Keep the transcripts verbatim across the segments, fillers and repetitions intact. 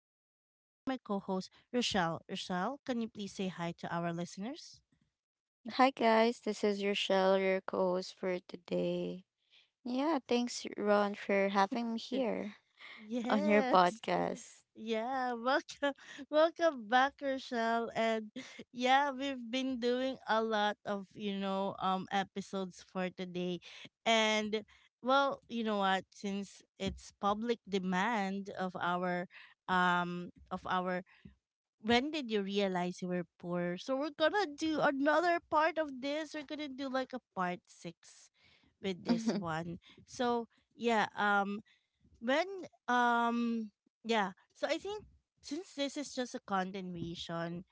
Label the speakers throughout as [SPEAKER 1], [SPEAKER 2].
[SPEAKER 1] and I have here my co host, Rochelle. Rochelle, can you please say hi to our listeners?
[SPEAKER 2] Hi guys, this is Rochelle, your co-host for today. Yeah, thanks Ron for having me here on your
[SPEAKER 1] Yes.
[SPEAKER 2] podcast.
[SPEAKER 1] Yeah, welcome, welcome back, Rochelle. And yeah, we've been doing a lot of you know um episodes for today, and well, you know what? Since it's public demand of our um of our when did you realize you were poor? So we're gonna do another part of this. We're gonna do like a part six with this one. So yeah, um when um yeah. So I think since this is just a continuation,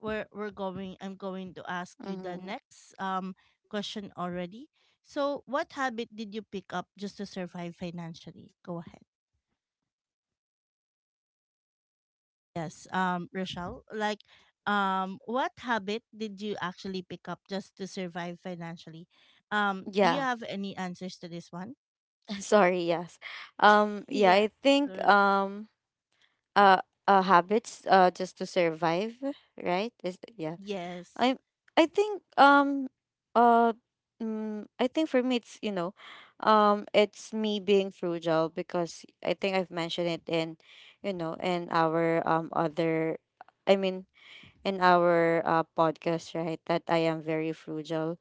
[SPEAKER 1] we're we're going I'm going to ask you the
[SPEAKER 2] hmm
[SPEAKER 1] next um question already. So what habit did you pick up just to survive financially? Go ahead. Yes, um, Rochelle, like, um, what habit did you actually pick up just to survive financially? Um, do you
[SPEAKER 2] Yeah,
[SPEAKER 1] have any answers to this one?
[SPEAKER 2] sorry, yes. Um yeah,
[SPEAKER 1] Yeah,
[SPEAKER 2] I think
[SPEAKER 1] sure.
[SPEAKER 2] um uh, uh habits uh just to survive, right? Is yeah.
[SPEAKER 1] Yes.
[SPEAKER 2] I I think um uh mm, I think for me it's you know um it's me being frugal because I think I've mentioned it in you know in our um other I mean in our uh, podcast right that I am very frugal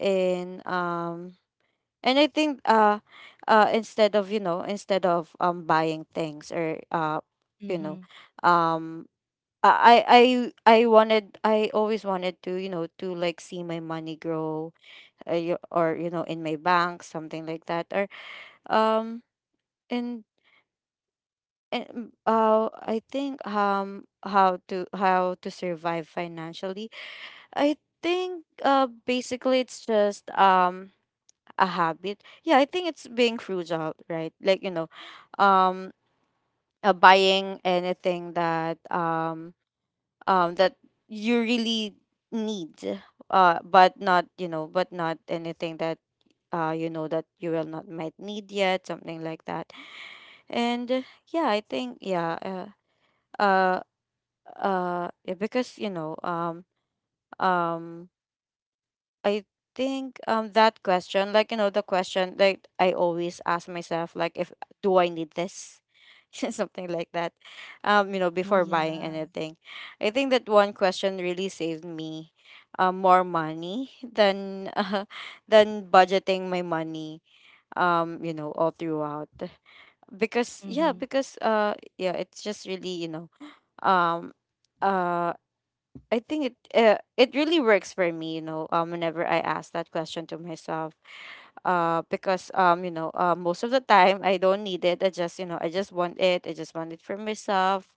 [SPEAKER 2] and um and I think uh uh instead of you know instead of um buying things or uh you
[SPEAKER 1] Mm-hmm.
[SPEAKER 2] know um uh, I I I wanted I always wanted to you know to like see my money grow uh, y- or you know in my bank something like that or um and and uh I think um how to how to survive financially I think uh basically it's just um a habit, yeah, I think it's being frugal right like you know um uh, buying anything that um um, that you really need, uh, but not you know, but not anything that uh, you know that you will not might need yet, something like that. And uh, yeah, I think yeah, uh, uh, uh, yeah, because you know, um, um. I think um that question, like you know, the question like I always ask myself, like if do I need this? Something like that. Um, you know,
[SPEAKER 1] Oh
[SPEAKER 2] before buying
[SPEAKER 1] yeah.
[SPEAKER 2] anything. I think that one question really saved me uh, more money than uh, than budgeting my money, um, you know, all throughout. Because yeah,
[SPEAKER 1] Mm-hmm.
[SPEAKER 2] because uh yeah, it's just really, you know, um uh I think it uh, it really works for me, you know, um whenever I ask that question to myself. Uh because um, you know, uh, most of the time I don't need it. I just, you know, I just want it. I just want it for myself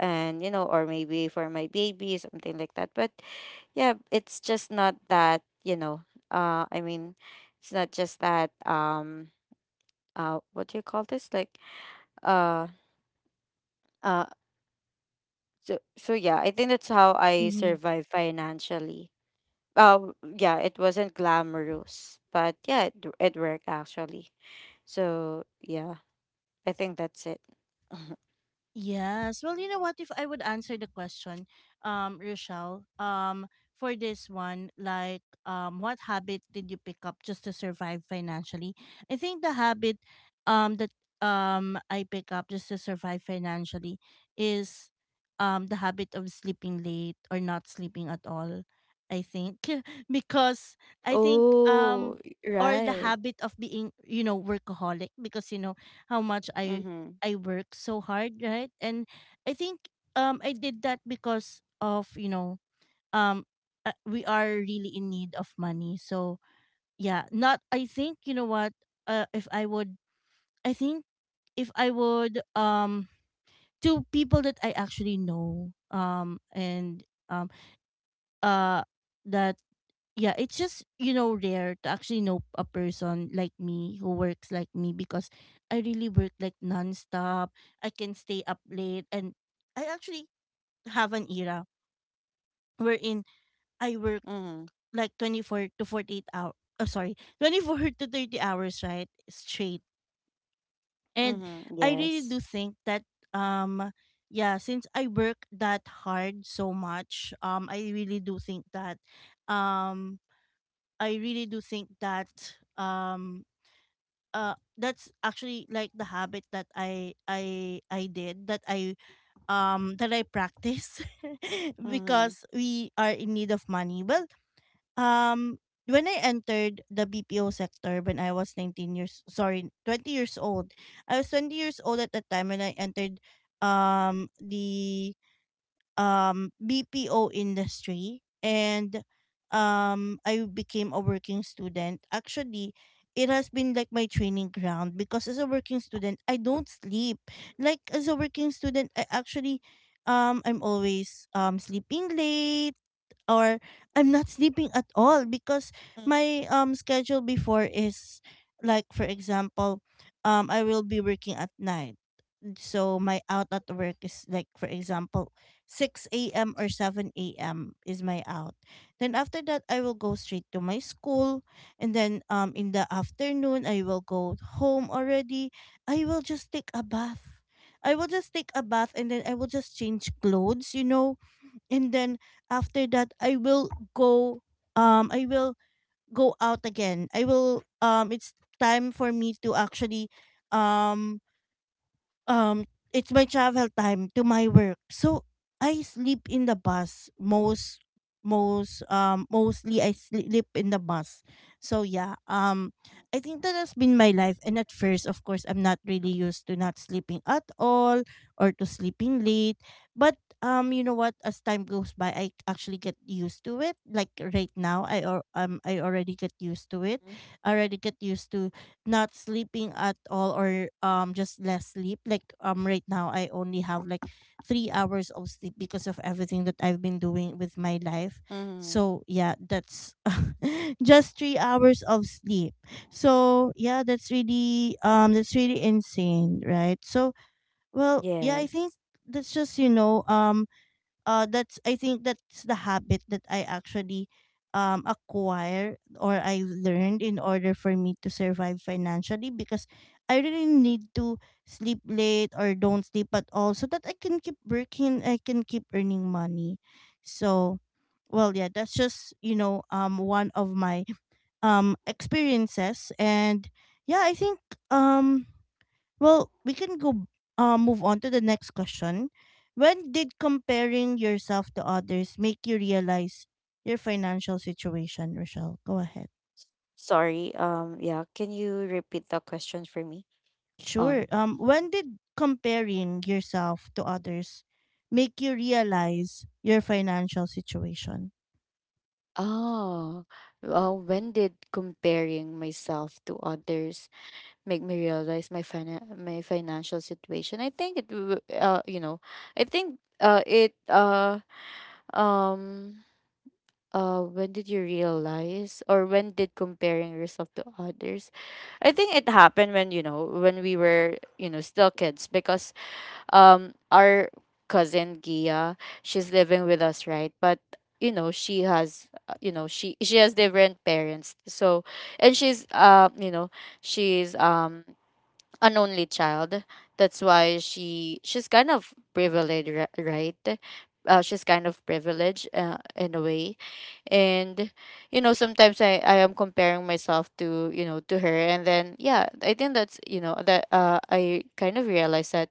[SPEAKER 2] and you know, or maybe for my baby, something like that. But yeah, it's just not that, you know, uh I mean it's not just that um uh what do you call this? Like uh uh so so yeah, I think that's how I survive financially. uh, yeah, it wasn't glamorous, but yeah, it, it worked actually. So yeah, I think that's it.
[SPEAKER 1] Yes. Well, you know what? If I would answer the question, um, Rochelle, um, for this one, like, um, what habit did you pick up just to survive financially? I think the habit, um, that um I pick up just to survive financially is, um, the habit of sleeping late or not sleeping at all. I think because I think
[SPEAKER 2] Oh,
[SPEAKER 1] um or the
[SPEAKER 2] right.
[SPEAKER 1] habit of being you know workaholic because you know how much I
[SPEAKER 2] Mm-hmm.
[SPEAKER 1] I worked so hard, right? And I think um I did that because of, you know, um uh, we are really in need of money. So, yeah, not I think, you know what, uh, if I would I think if I would um to people that I actually know um and um uh that yeah, it's just, you know, rare to actually know a person like me who works like me because I really work like nonstop. I can stay up late and I actually have an era wherein I work
[SPEAKER 2] Mm-hmm.
[SPEAKER 1] like twenty-four to forty-eight hours. Oh, sorry, twenty-four to thirty hours, right? Straight. And
[SPEAKER 2] Mm-hmm.
[SPEAKER 1] I really
[SPEAKER 2] Yes.
[SPEAKER 1] do think that, um, yeah, since I work that hard so much, um, I really do think that, um, I really do think that, um, uh that's actually like the habit that I I I did that I um that I practice
[SPEAKER 2] Mm-hmm.
[SPEAKER 1] because we are in need of money. Well, um when I entered the B P O sector when I was nineteen years sorry, twenty years old. I was twenty years old at the time when I entered um the um, B P O industry and, um, I became a working student. Actually, it has been like my training ground because as a working student, I don't sleep. Like as a working student, I actually um I'm always um sleeping late or I'm not sleeping at all because my um schedule before is like for example, um I will be working at night so my out at work is like for example six a m or seven a m is my out. Then after that I will go straight to my school and then um in the afternoon I will go home already. I will just take a bath. I will just take a bath and then I will just change clothes, you know. And then after that I will go um I will go out again. I will um it's time for me to actually um um it's my travel time to my work, so I sleep in the bus, most most um mostly I sleep in the bus. So yeah, um I think that has been my life, and at first, of course, I'm not really used to not sleeping at all or to sleeping late. But um you know what, as time goes by I actually get used to it, like right now i or um I already get used to it.
[SPEAKER 2] Mm-hmm.
[SPEAKER 1] I already get used to not sleeping at all or um just less sleep, like um right now I only have like three hours of sleep because of everything that I've been doing with my life.
[SPEAKER 2] Mm-hmm.
[SPEAKER 1] So yeah, that's just three hours of sleep. So yeah, that's really um that's really insane, right? So well, yeah, I think
[SPEAKER 2] Yes.
[SPEAKER 1] that's just, you know, um uh that's I think that's the habit that I actually um acquire or I learned in order for me to survive financially, because I really need to sleep late or don't sleep at all so that I can keep working, I can keep earning money. So well, yeah, that's just, you know, um one of my um experiences. And yeah, I think um well, we can go uh, move on to the next question. When did comparing yourself to others make you realize your financial situation, Rochelle? Go ahead.
[SPEAKER 2] Sorry. Um, yeah. Can you repeat the question for me?
[SPEAKER 1] Sure.
[SPEAKER 2] Um,
[SPEAKER 1] Um, when did comparing yourself to others make you realize your financial situation?
[SPEAKER 2] oh, uh, when did comparing myself to others make me realize my fina- my financial situation? I think it, w- uh, you know, I think uh, it uh um uh when did you realize or when did comparing yourself to others? I think it happened when you know when we were you know still kids because um our cousin Gia, she's living with us, right? But you know, she has uh, you know, she she has different parents. So and she's um, you know, she's um an only child. That's why she she's kind of privileged, ri- right? Uh, she's kind of privileged uh, in a way and you know sometimes I, I am comparing myself to you know to her and then yeah I think that's you know that uh, I kind of realized that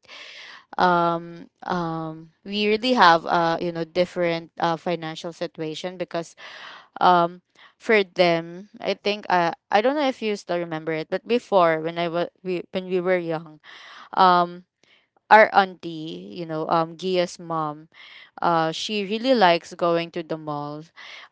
[SPEAKER 2] um um we really have uh you know different uh financial situation because um for them I think uh, I don't know if you still remember it but before when I was we when we were young um our auntie you know um Gia's mom uh she really likes going to the mall,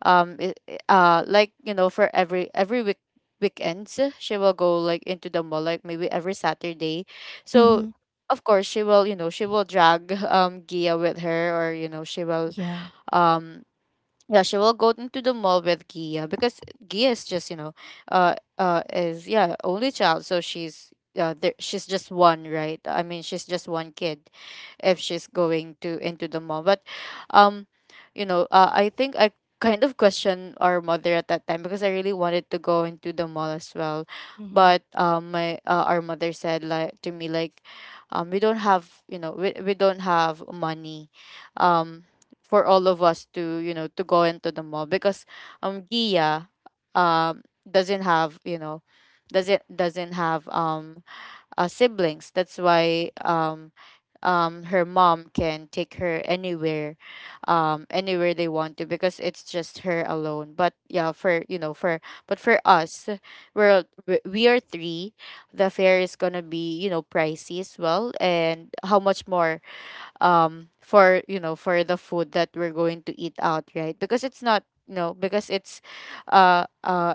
[SPEAKER 2] um it, it- uh like you know for every every week weekends she will go like into the mall, like maybe every Saturday. So
[SPEAKER 1] Mm-hmm.
[SPEAKER 2] of course she will you know she will drag um Gia with her or you know she will
[SPEAKER 1] Yeah.
[SPEAKER 2] um yeah she will go into the mall with Gia because Gia is just you know uh uh is yeah only child so she's uh, there, she's just one right I mean she's just one kid if she's going to into the mall. But um, you know, uh, I think I kind of questioned our mother at that time because I really wanted to go into the mall as well.
[SPEAKER 1] Mm-hmm.
[SPEAKER 2] But um, my uh, our mother said like to me like, um, we don't have you know we we don't have money, um, for all of us to you know to go into the mall because um Gia um doesn't have you know doesn't doesn't have um uh, siblings, that's why um um her mom can take her anywhere, um anywhere they want to because it's just her alone but yeah for you know for but for us we're we we are three. The fare is gonna be you know pricey as well and how much more um for you know for the food that we're going to eat out right because it's not you know because it's uh uh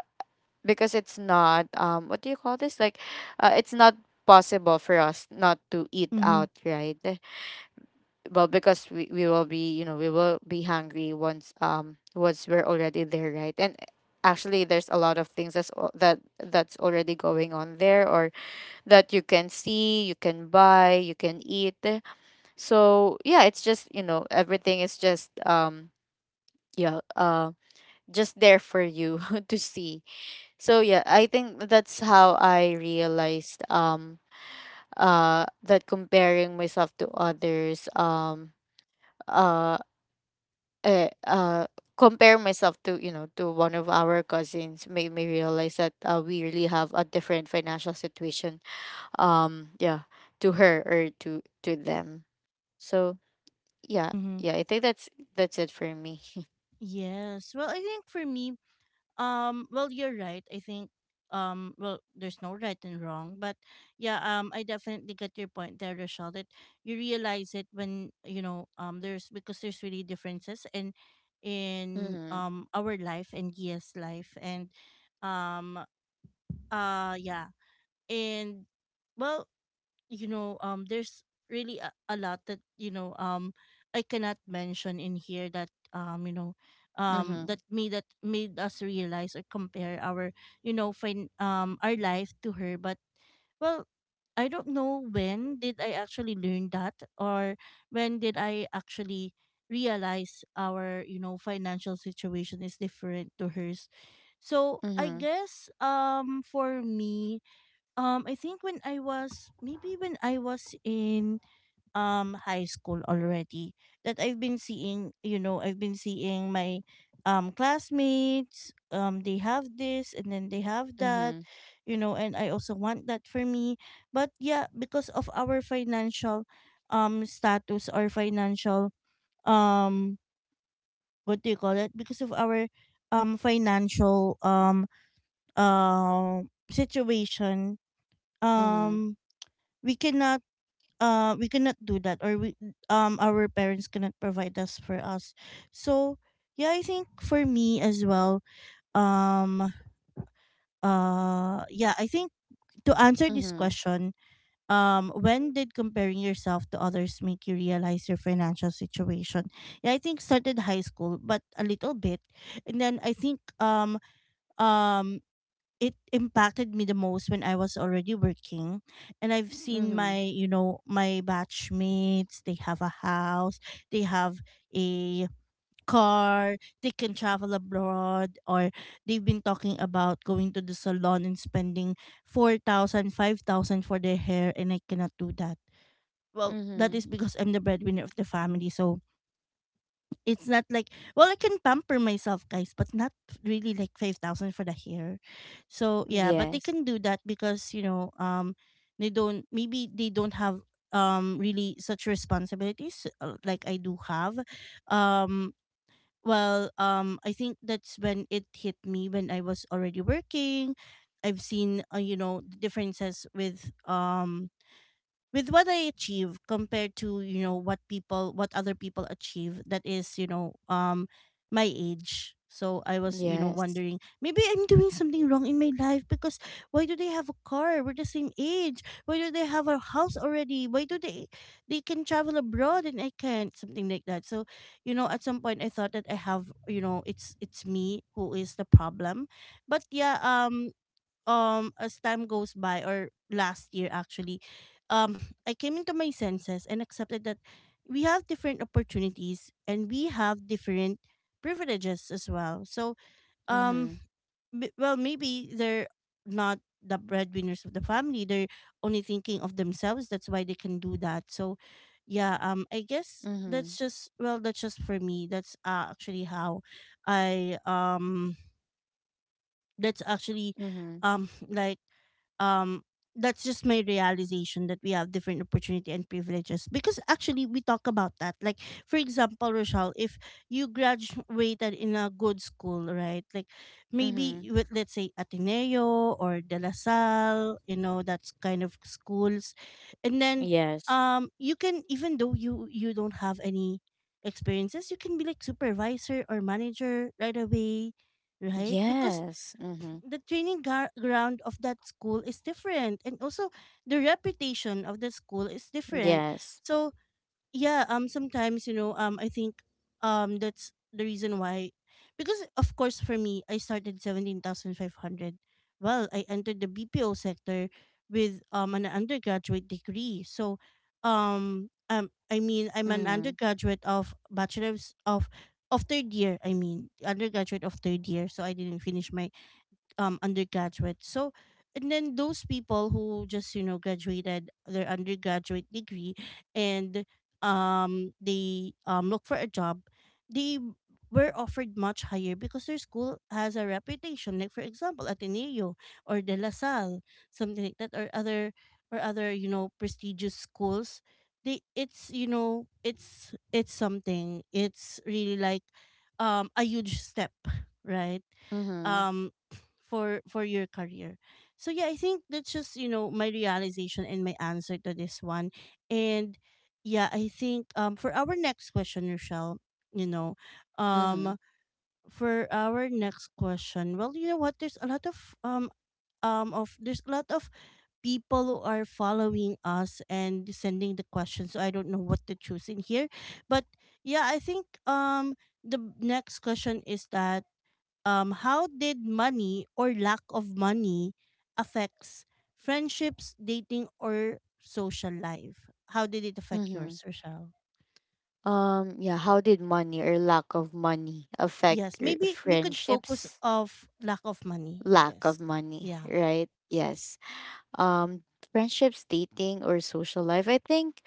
[SPEAKER 2] because it's not um what do you call this, like uh, it's not possible for us not to eat
[SPEAKER 1] Mm-hmm.
[SPEAKER 2] out right, well because we, we will be you know we will be hungry once um once we're already there right, and eh, actually there's a lot of things that's al- that that's already going on there or that you can see, you can buy, you can eat. So yeah, it's just you know everything is just um yeah uh just there for you to see. So yeah I think that's how I realized um uh that comparing myself to others, um uh uh, uh compare myself to you know to one of our cousins, made me realize that uh, we really have a different financial situation um yeah to her or to to them. So yeah,
[SPEAKER 1] Mm-hmm.
[SPEAKER 2] yeah, I think that's that's it for me.
[SPEAKER 1] Yes. Well, I think for me, Um, well, you're right. I think um, well, there's no right and wrong, but yeah, um, I definitely get your point there, Rochelle. That you realize it when you know um, there's because there's really differences in in
[SPEAKER 2] Mhm.
[SPEAKER 1] um our life and Gia's life, and um, uh, yeah, and well, you know um there's really a, a lot that you know um I cannot mention in here that um you know um
[SPEAKER 2] Mhm.
[SPEAKER 1] that me that made us realize or compare our you know fin- um our life to her. But well, I don't know when did I actually learn that, or when did I actually realize our you know financial situation is different to hers. So I
[SPEAKER 2] Mhm.
[SPEAKER 1] guess um for me um, I think when I was maybe when I was in um high school already, that I've been seeing, you know, I've been seeing my um classmates, um they have this and then they have that,
[SPEAKER 2] Mhm.
[SPEAKER 1] you know, and I also want that for me. But yeah, because of our financial um status or financial um what do you call it? Because of our um financial um uh situation,
[SPEAKER 2] Mhm.
[SPEAKER 1] um we cannot uh we cannot do that, or we um our parents cannot provide us for us. So yeah, I think for me as well, um uh yeah, I think to answer this
[SPEAKER 2] Mhm.
[SPEAKER 1] question, um when did comparing yourself to others make you realize your financial situation, yeah, I think started high school but a little bit, and then I think um um it impacted me the most when I was already working, and I've seen
[SPEAKER 2] Mhm.
[SPEAKER 1] my you know my batchmates, they have a house, they have a car, they can travel abroad, or they've been talking about going to the salon and spending four thousand, five thousand for their hair, and I cannot do that. Well, that
[SPEAKER 2] Mhm.
[SPEAKER 1] is because I'm the breadwinner of the family, so it's not like, well, I can pamper myself, guys, but not really like five thousand for the hair. So yeah, but they
[SPEAKER 2] Yes.
[SPEAKER 1] can do that because you know, um, they don't maybe they don't have um really such responsibilities uh, like I do have. Um, well, um, I think that's when it hit me when I was already working. I've seen uh, you know differences with um with what I achieve compared to you know what people what other people achieve that is you know um my age. So I was you know
[SPEAKER 2] Yes.
[SPEAKER 1] wondering maybe I'm doing something wrong in my life because why do they have a car? We're the same age. Why do they have a house already? Why do they they can travel abroad and I can't, something like that. So you know at some point I thought that I have you know it's it's me who is the problem. But yeah. Um um as time goes by, or last year actually, um I came into my senses and accepted that we have different opportunities and we have different privileges as well. So, um
[SPEAKER 2] Mhm.
[SPEAKER 1] b- well, maybe they're not the breadwinners of the family, they're only thinking of themselves, that's why they can do that. So yeah, um I guess
[SPEAKER 2] Mhm.
[SPEAKER 1] that's just, well, that's just for me. That's uh, actually how I um that's actually,
[SPEAKER 2] Mhm.
[SPEAKER 1] um like, um that's just my realization that we have different opportunity and privileges. Because actually we talk about that, like, for example, Rochelle, if you graduated in a good school, right? Like
[SPEAKER 2] Mhm.
[SPEAKER 1] maybe with, let's say, Ateneo or De La Salle, you know, that's kind of schools. And then,
[SPEAKER 2] Yes.
[SPEAKER 1] um you can, even though you you don't have any experiences, you can be like supervisor or manager right away, right? Because
[SPEAKER 2] Yes. Mhm.
[SPEAKER 1] the training gar- ground of that school is different, and also the reputation of the school is different.
[SPEAKER 2] Yes.
[SPEAKER 1] So yeah, um sometimes, you know, um I think, um that's the reason why. Because of course for me, I started seventeen thousand five hundred. Well, I entered the BPO sector with um an undergraduate degree. So, um um I mean, I'm an
[SPEAKER 2] Mhm.
[SPEAKER 1] undergraduate of bachelor's of of third year. I mean, undergraduate of third year, so I didn't finish my um undergraduate. So, and then those people who just, you know, graduated their undergraduate degree and um they um look for a job, they were offered much higher because their school has a reputation. Like, for example, Ateneo or De La Salle, something like that, or other, or other, you know, prestigious schools. They, it's, you know, it's it's something, it's really like um a huge step, right?
[SPEAKER 2] Mm-hmm.
[SPEAKER 1] um for for your career. So yeah, I think that's just, you know, my realization and my answer to this one. And yeah, I think, um for our next question, Rochelle, you know,
[SPEAKER 2] Mm-hmm.
[SPEAKER 1] um for our next question, well, you know what, there's a lot of um um of, there's a lot of people who are following us and sending the questions, so I don't know what to choose in here. But yeah, I think um the next question is that, um, how did money or lack of money affects friendships, dating, or social life? How did it affect
[SPEAKER 2] Mm-hmm.
[SPEAKER 1] yours, Rochelle?
[SPEAKER 2] Um, yeah, how did money or lack of money affect
[SPEAKER 1] Yes,
[SPEAKER 2] your
[SPEAKER 1] maybe we could focus
[SPEAKER 2] friendships?
[SPEAKER 1] of lack of money, I
[SPEAKER 2] Lack of
[SPEAKER 1] guess.
[SPEAKER 2] money,
[SPEAKER 1] Yeah.
[SPEAKER 2] right? Yes. Um, friendships, dating, or social life. I think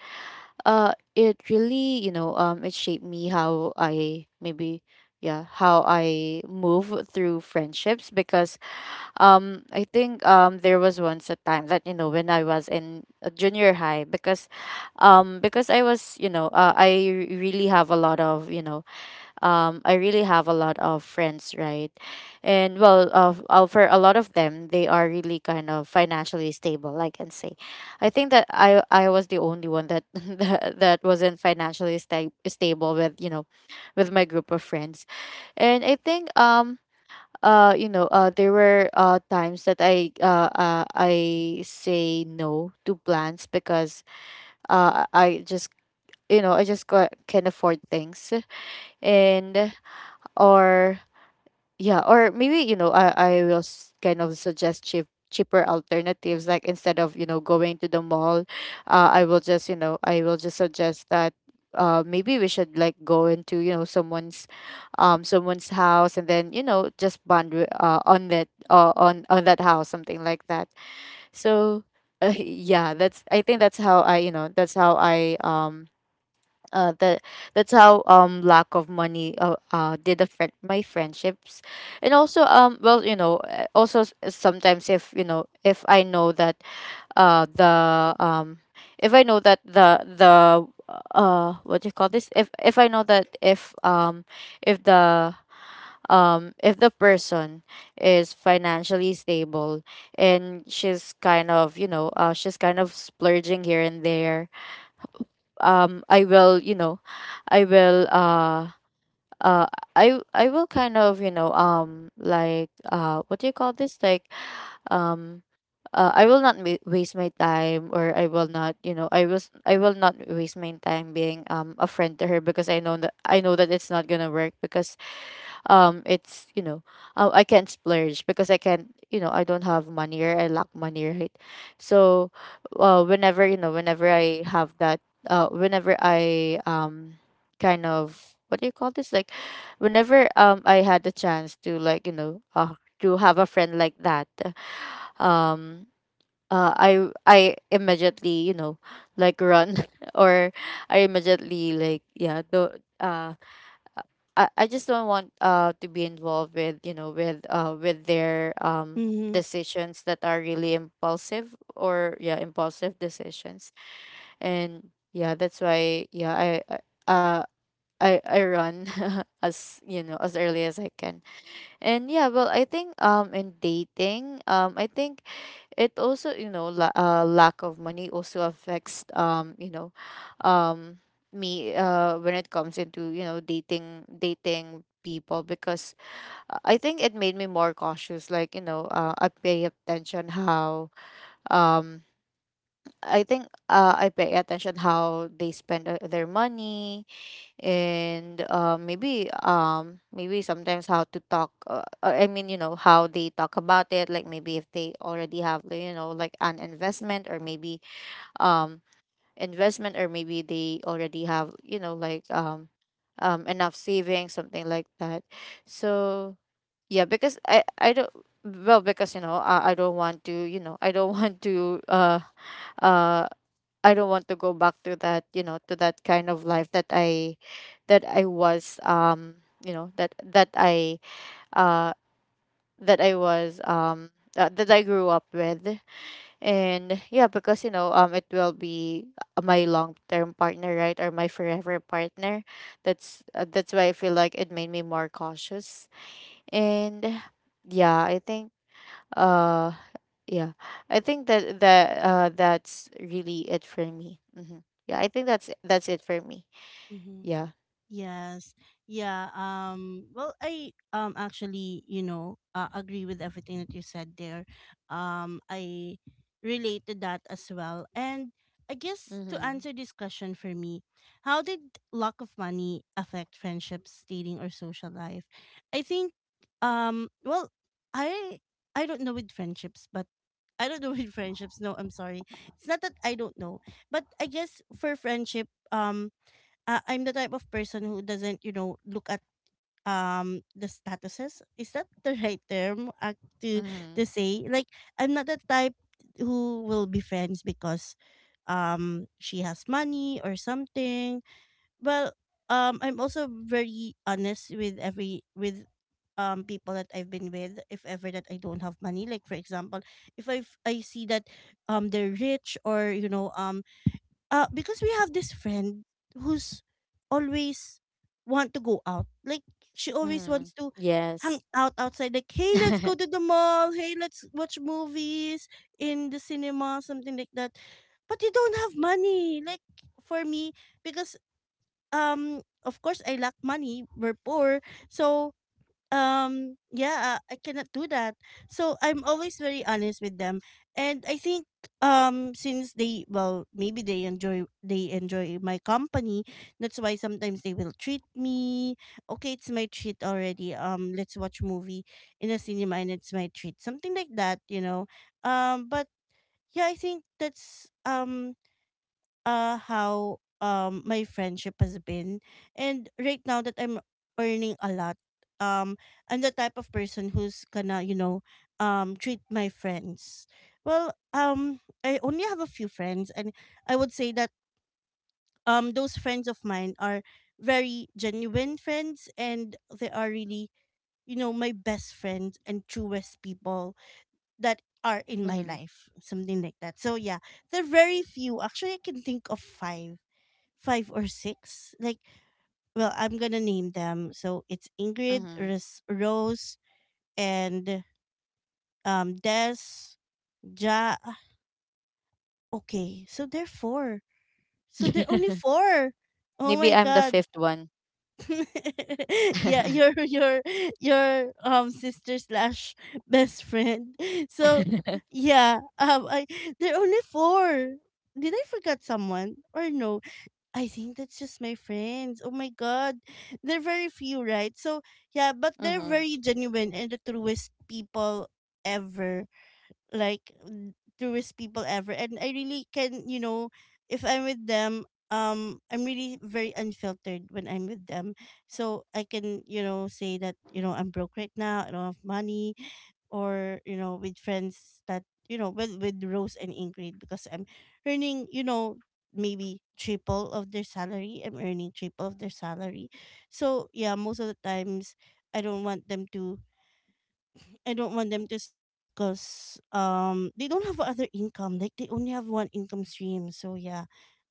[SPEAKER 2] uh it really, you know, um it shaped me how I maybe yeah, how I move through friendships because um, I think um there was once a time that you know when I was in uh, junior high because, um, because I was you know uh, I re- really have a lot of you know um I really have a lot of friends right, and well uh, uh, for a lot of them they are really kind of financially stable I can say. I think that I I was the only one that that, that wasn't financially sta- stable with you know, with my group of friends, and I think um uh you know uh there were uh times that i uh, uh I say no to plans because uh i I just you know I just ca- can't afford things, and or yeah, or maybe you know, I I will s- kind of suggest cheap cheaper alternatives. Like instead of you know going to the mall, uh, I will just you know I will just suggest that uh maybe we should like go into you know someone's um someone's house and then you know just bond wi- uh on that uh, on on that house, something like that. So uh, yeah, that's I think that's how I you know that's how I um uh, that that's how um lack of money uh, uh did affect my friendships. And also um well you know uh, also s- eh, sometimes if you know if I know that uh the um if I know that the the uh what do you call this, if if I know that if um if the um if the person is financially stable and she's kind of you know uh she's kind of splurging here and there, um I will you know I will uh uh I I will kind of you know um like uh what do you call this like um uh, I will not ma- waste my time or I will not you know I was I will not waste my time being um a friend to her because I know that I know that it's not gonna work because um it's you know uh, I can't splurge because I can't you know I don't have money or I lack money right, so uh, whenever you know whenever I have that uh whenever I um kind of what do you call this like whenever um I had the chance to like you know uh to have a friend like that, um uh, I I immediately you know like run or I immediately like yeah do uh I, I just don't want uh to be involved with you know with uh with their um
[SPEAKER 1] Mm-hmm.
[SPEAKER 2] decisions that are really impulsive or yeah impulsive decisions. And yeah that's why yeah I, I uh I I run as you know as early as I can. And yeah well I think um in dating um I think it also you know la- uh, lack of money also affects um you know um me uh when it comes into you know dating dating people because uh, I think it made me more cautious like you know uh, I pay attention how um I think uh, I pay attention how they spend uh, their money, and uh, maybe um maybe sometimes how to talk uh, uh, I mean you know how they talk about it like maybe if they already have like, you know like an investment or maybe um investment or maybe they already have you know like um um enough savings, something like that. So yeah, because i i don't, well because you know i, I don't want to you know I don't want to uh uh I don't want to go back to that, you know, to that kind of life that I that I was um, you know, that that I uh that I was um uh, that I grew up with. And yeah, because you know, um it will be my long-term partner, right? Or my forever partner. That's uh, that's why I feel like it made me more cautious. And yeah, I think uh, yeah. I think that that uh that's really it for me. Mm-hmm. Yeah, I think that's that's it for me.
[SPEAKER 1] Mm-hmm.
[SPEAKER 2] Yeah.
[SPEAKER 1] Yes. Yeah. Um well, I um actually, you know, uh, agree with everything that you said there. Um I relate to that as well. And I guess to
[SPEAKER 2] Mm-hmm.
[SPEAKER 1] answer this question for me, how did lack of money affect friendships, dating, or social life? I think um well, I I don't know with friendships, but I don't know with friendships. No, I'm sorry. It's not that I don't know, but I guess for friendship, um uh, I'm the type of person who doesn't, you know, look at um the statuses. Is that the right term uh, to
[SPEAKER 2] Mm-hmm.
[SPEAKER 1] to say? Like, I'm not the type who will be friends because um she has money or something. Well, um I'm also very honest with every with um people that I've been with, if ever that I don't have money. Like for example, if I I see that um they're rich, or you know, um uh because we have this friend who's always want to go out. Like, she always
[SPEAKER 2] Mm-hmm.
[SPEAKER 1] wants to hang
[SPEAKER 2] Yes.
[SPEAKER 1] out outside. Like, hey, let's go to the mall, hey, let's watch movies in the cinema, something like that. But you don't have money. Like, for me, because um of course I lack money, we're poor. So, um yeah, I cannot do that. So I'm always very honest with them. And I think, um since they, well, maybe they enjoy, they enjoy my company, that's why sometimes they will treat me. Okay, it's my treat already, um let's watch movie in a cinema, and it's my treat, something like that, you know. Um but yeah, I think that's, um uh how um my friendship has been. And right now that I'm earning a lot, um I'm the type of person who's gonna, you know, um treat my friends. Well, um I only have a few friends, and I would say that um those friends of mine are very genuine friends, and they are really, you know, my best friends and truest people that are in my
[SPEAKER 2] Mm-hmm.
[SPEAKER 1] life, something like that. So yeah, they're very few. Actually, I can think of five, five or six. Like, well, I'm gonna name them. So it's Ingrid,
[SPEAKER 2] Mm-hmm.
[SPEAKER 1] Ros- Rose, and um Des, Ja. Okay, so they're four. So they're only four. Oh
[SPEAKER 2] Maybe
[SPEAKER 1] my
[SPEAKER 2] I'm the
[SPEAKER 1] god.
[SPEAKER 2] fifth one.
[SPEAKER 1] Yeah,
[SPEAKER 2] Mm-hmm.
[SPEAKER 1] your your your um sister slash best friend. So yeah, um I, they're only four. Did I forget someone or no? I think that's just my friends. Oh my god. They're very few, right? So yeah, but they're very genuine and the truest people ever, like n- truest people ever. And I really can, you know, if I'm with them, um I'm really very unfiltered when I'm with them. So I can, you know, say that, you know, I'm broke right now, I don't have money. Or, you know, with friends that, you know, with with Rose and Ingrid, because I'm earning, you know, maybe triple of their salary, I'm earning triple of their salary. So yeah, most of the times I don't want them to, I don't want them to spend because um they don't have other income. Like, they only have one income stream. So yeah,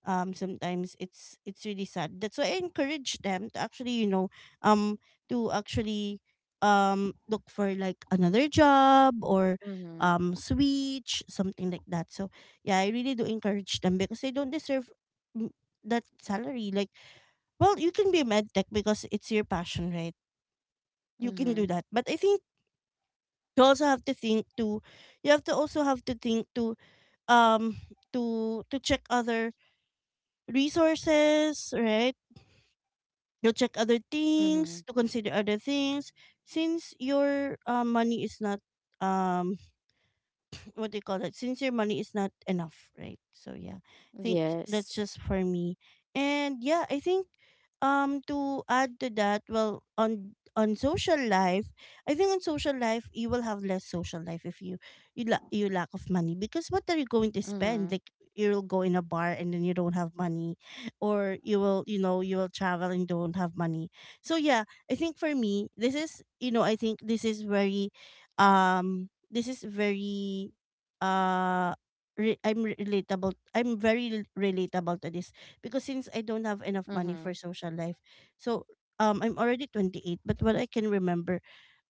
[SPEAKER 1] um sometimes it's it's really sad. That's why I encourage them to actually, you know, um to actually um look for like another job, or
[SPEAKER 2] Mm-hmm.
[SPEAKER 1] um switch, something like that. So yeah, I really do encourage them because they don't deserve, mm, that salary. Like, well, you can be a med tech because it's your passion, right? You can do
[SPEAKER 2] Mm-hmm.
[SPEAKER 1] that. But I think you also have to think to, you have to also have to think to um to to check other resources, right? To check other
[SPEAKER 2] Mm-hmm.
[SPEAKER 1] things, to consider other things, since your uh, money is not um what do you call that? Since your money is not enough, right? So yeah, I think
[SPEAKER 2] Yes.
[SPEAKER 1] that's just for me. And yeah, I think um to add to that, well, on on social life, I think on social life you will have less social life if you, you la- you lack of money, because what are you going to spend?
[SPEAKER 2] Mm-hmm.
[SPEAKER 1] Like, you'll go in a bar and then you don't have money, or you will, you know, you will travel and don't have money. So yeah, I think for me this is, you know, I think this is very um this is very uh re- I'm relatable. I'm very rel- relatable to this, because since I don't have enough money
[SPEAKER 2] Mm-hmm.
[SPEAKER 1] for social life, so um I'm already twenty-eight. But what I can remember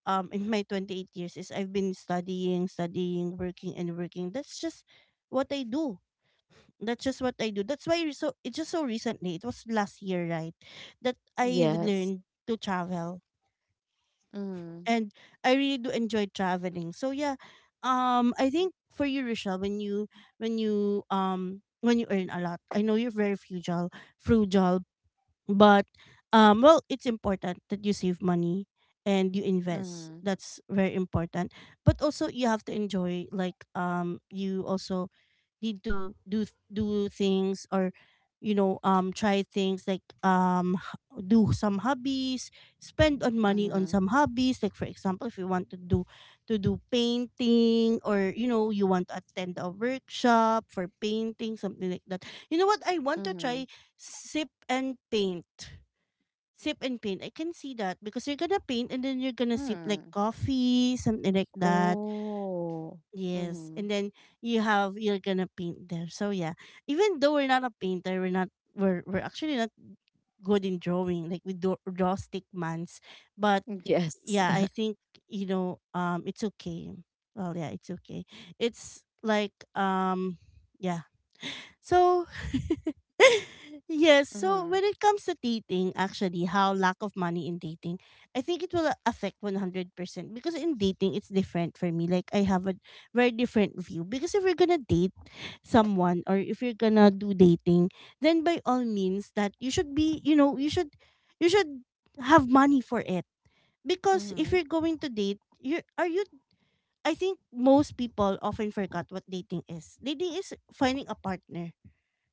[SPEAKER 1] um in my twenty-eight years, is I've been studying, studying, working, and working. That's just what I do. That's just what I do. That's why re- so it's just so recently. It was last year, right? That I've
[SPEAKER 2] Yes.
[SPEAKER 1] learned to travel,
[SPEAKER 2] Mm-hmm.
[SPEAKER 1] and I really do enjoy traveling. So yeah, um, I think for you, Rochelle, when you, when you um when you earn a lot, I know you're very frugal, frugal, but um well, it's important that you save money and you invest.
[SPEAKER 2] Mm-hmm.
[SPEAKER 1] That's very important. But also you have to enjoy, like, um you also need to do do things, or, you know, um try things like, um h- do some hobbies, spend on money on
[SPEAKER 2] Mm-hmm.
[SPEAKER 1] some hobbies. Like, for example, if you want to do, to do painting, or you know, you want to attend a workshop for painting, something like that. You know what I want to
[SPEAKER 2] Mm-hmm.
[SPEAKER 1] try? Sip and paint. Sip and paint. I can see that because you're gonna paint and then you're gonna sip like
[SPEAKER 2] Mm.
[SPEAKER 1] coffee, something like that.
[SPEAKER 2] Oh.
[SPEAKER 1] Yes.
[SPEAKER 2] Mm-hmm.
[SPEAKER 1] And then you have, you're gonna paint there. So yeah. Even though we're not a painter, we're not we're we're actually not good in drawing. Like, we do draw stick mans. But
[SPEAKER 2] Yes.
[SPEAKER 1] yeah, I think, you know, um it's okay. Well yeah, it's okay. It's like, um yeah, so, yes. So,
[SPEAKER 2] Mm-hmm.
[SPEAKER 1] when it comes to dating, actually, how lack of money in dating, I think it will affect one hundred percent because in dating, it's different for me. Like, I have a very different view. Because if you're gonna date someone, or if you're gonna do dating, then by all means, that you should be, you know, you should, you should have money for it. Because if
[SPEAKER 2] Mm-hmm.
[SPEAKER 1] you're going to date, you are you. I think most people often forgot what dating is. Dating is finding a partner,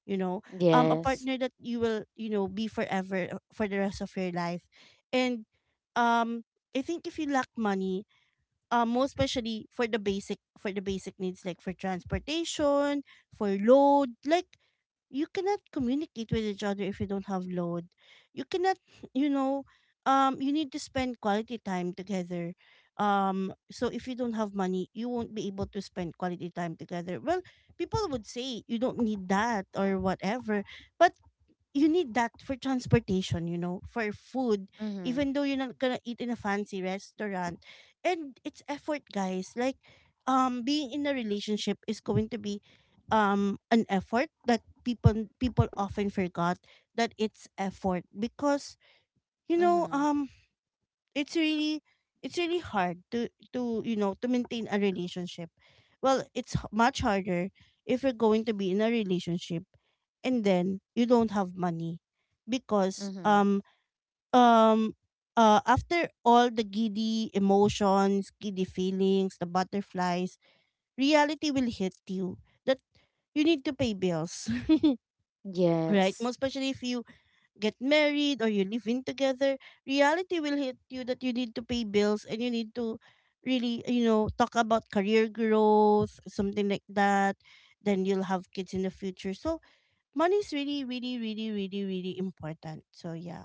[SPEAKER 1] you know, um a
[SPEAKER 2] Yes.
[SPEAKER 1] partner that you will, you know, be forever, uh, for the rest of your life. And um I think if you lack money, um most especially for the basic, for the basic needs, like for transportation, for load. Like, you cannot communicate with each other if you don't have load. You cannot, you know, um, you need to spend quality time together. Um, so if you don't have money, you won't be able to spend quality time together. Well, people would say you don't need that or whatever, but you need that for transportation, you know, for food,
[SPEAKER 2] Mm-hmm.
[SPEAKER 1] even though you're not gonna eat in a fancy restaurant. And it's effort, guys. Like, um, being in a relationship is going to be um an effort that people people often forgot that it's effort. Because, you know,
[SPEAKER 2] Mm-hmm.
[SPEAKER 1] um it's really, it's really hard to to you know, to maintain a relationship. Well, it's h- much harder if you're going to be in a relationship and then you don't have money. Because
[SPEAKER 2] Mm-hmm.
[SPEAKER 1] um um uh after all the giddy emotions, giddy feelings, the butterflies, reality will hit you that you need to pay bills. Right?
[SPEAKER 2] Yes.
[SPEAKER 1] Most especially if you get married or you live in together, reality will hit you that you need to pay bills, and you need to really, you know, talk about career growth, something like that. Then you'll have kids in the future. So money is really, really, really, really, really important. So yeah.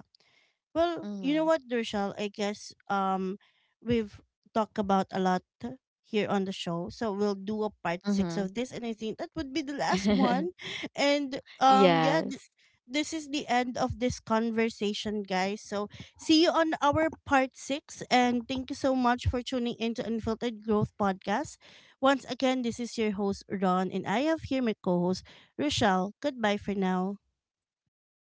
[SPEAKER 1] Well, you
[SPEAKER 2] Mm-hmm.
[SPEAKER 1] know what, Dershal? I guess um we've talked about a lot here on the show. So we'll do a part
[SPEAKER 2] Mm-hmm.
[SPEAKER 1] six of this, and I think that would be the last one. And um yeah, th-
[SPEAKER 2] Yes.
[SPEAKER 1] this is the end of this conversation, guys. So see you on our part six, and thank you so much for tuning into Unfiltered Growth Podcast. Once again, this is your host Ron, and I have here my co host Rochelle. Goodbye for now.
[SPEAKER 2] Bye.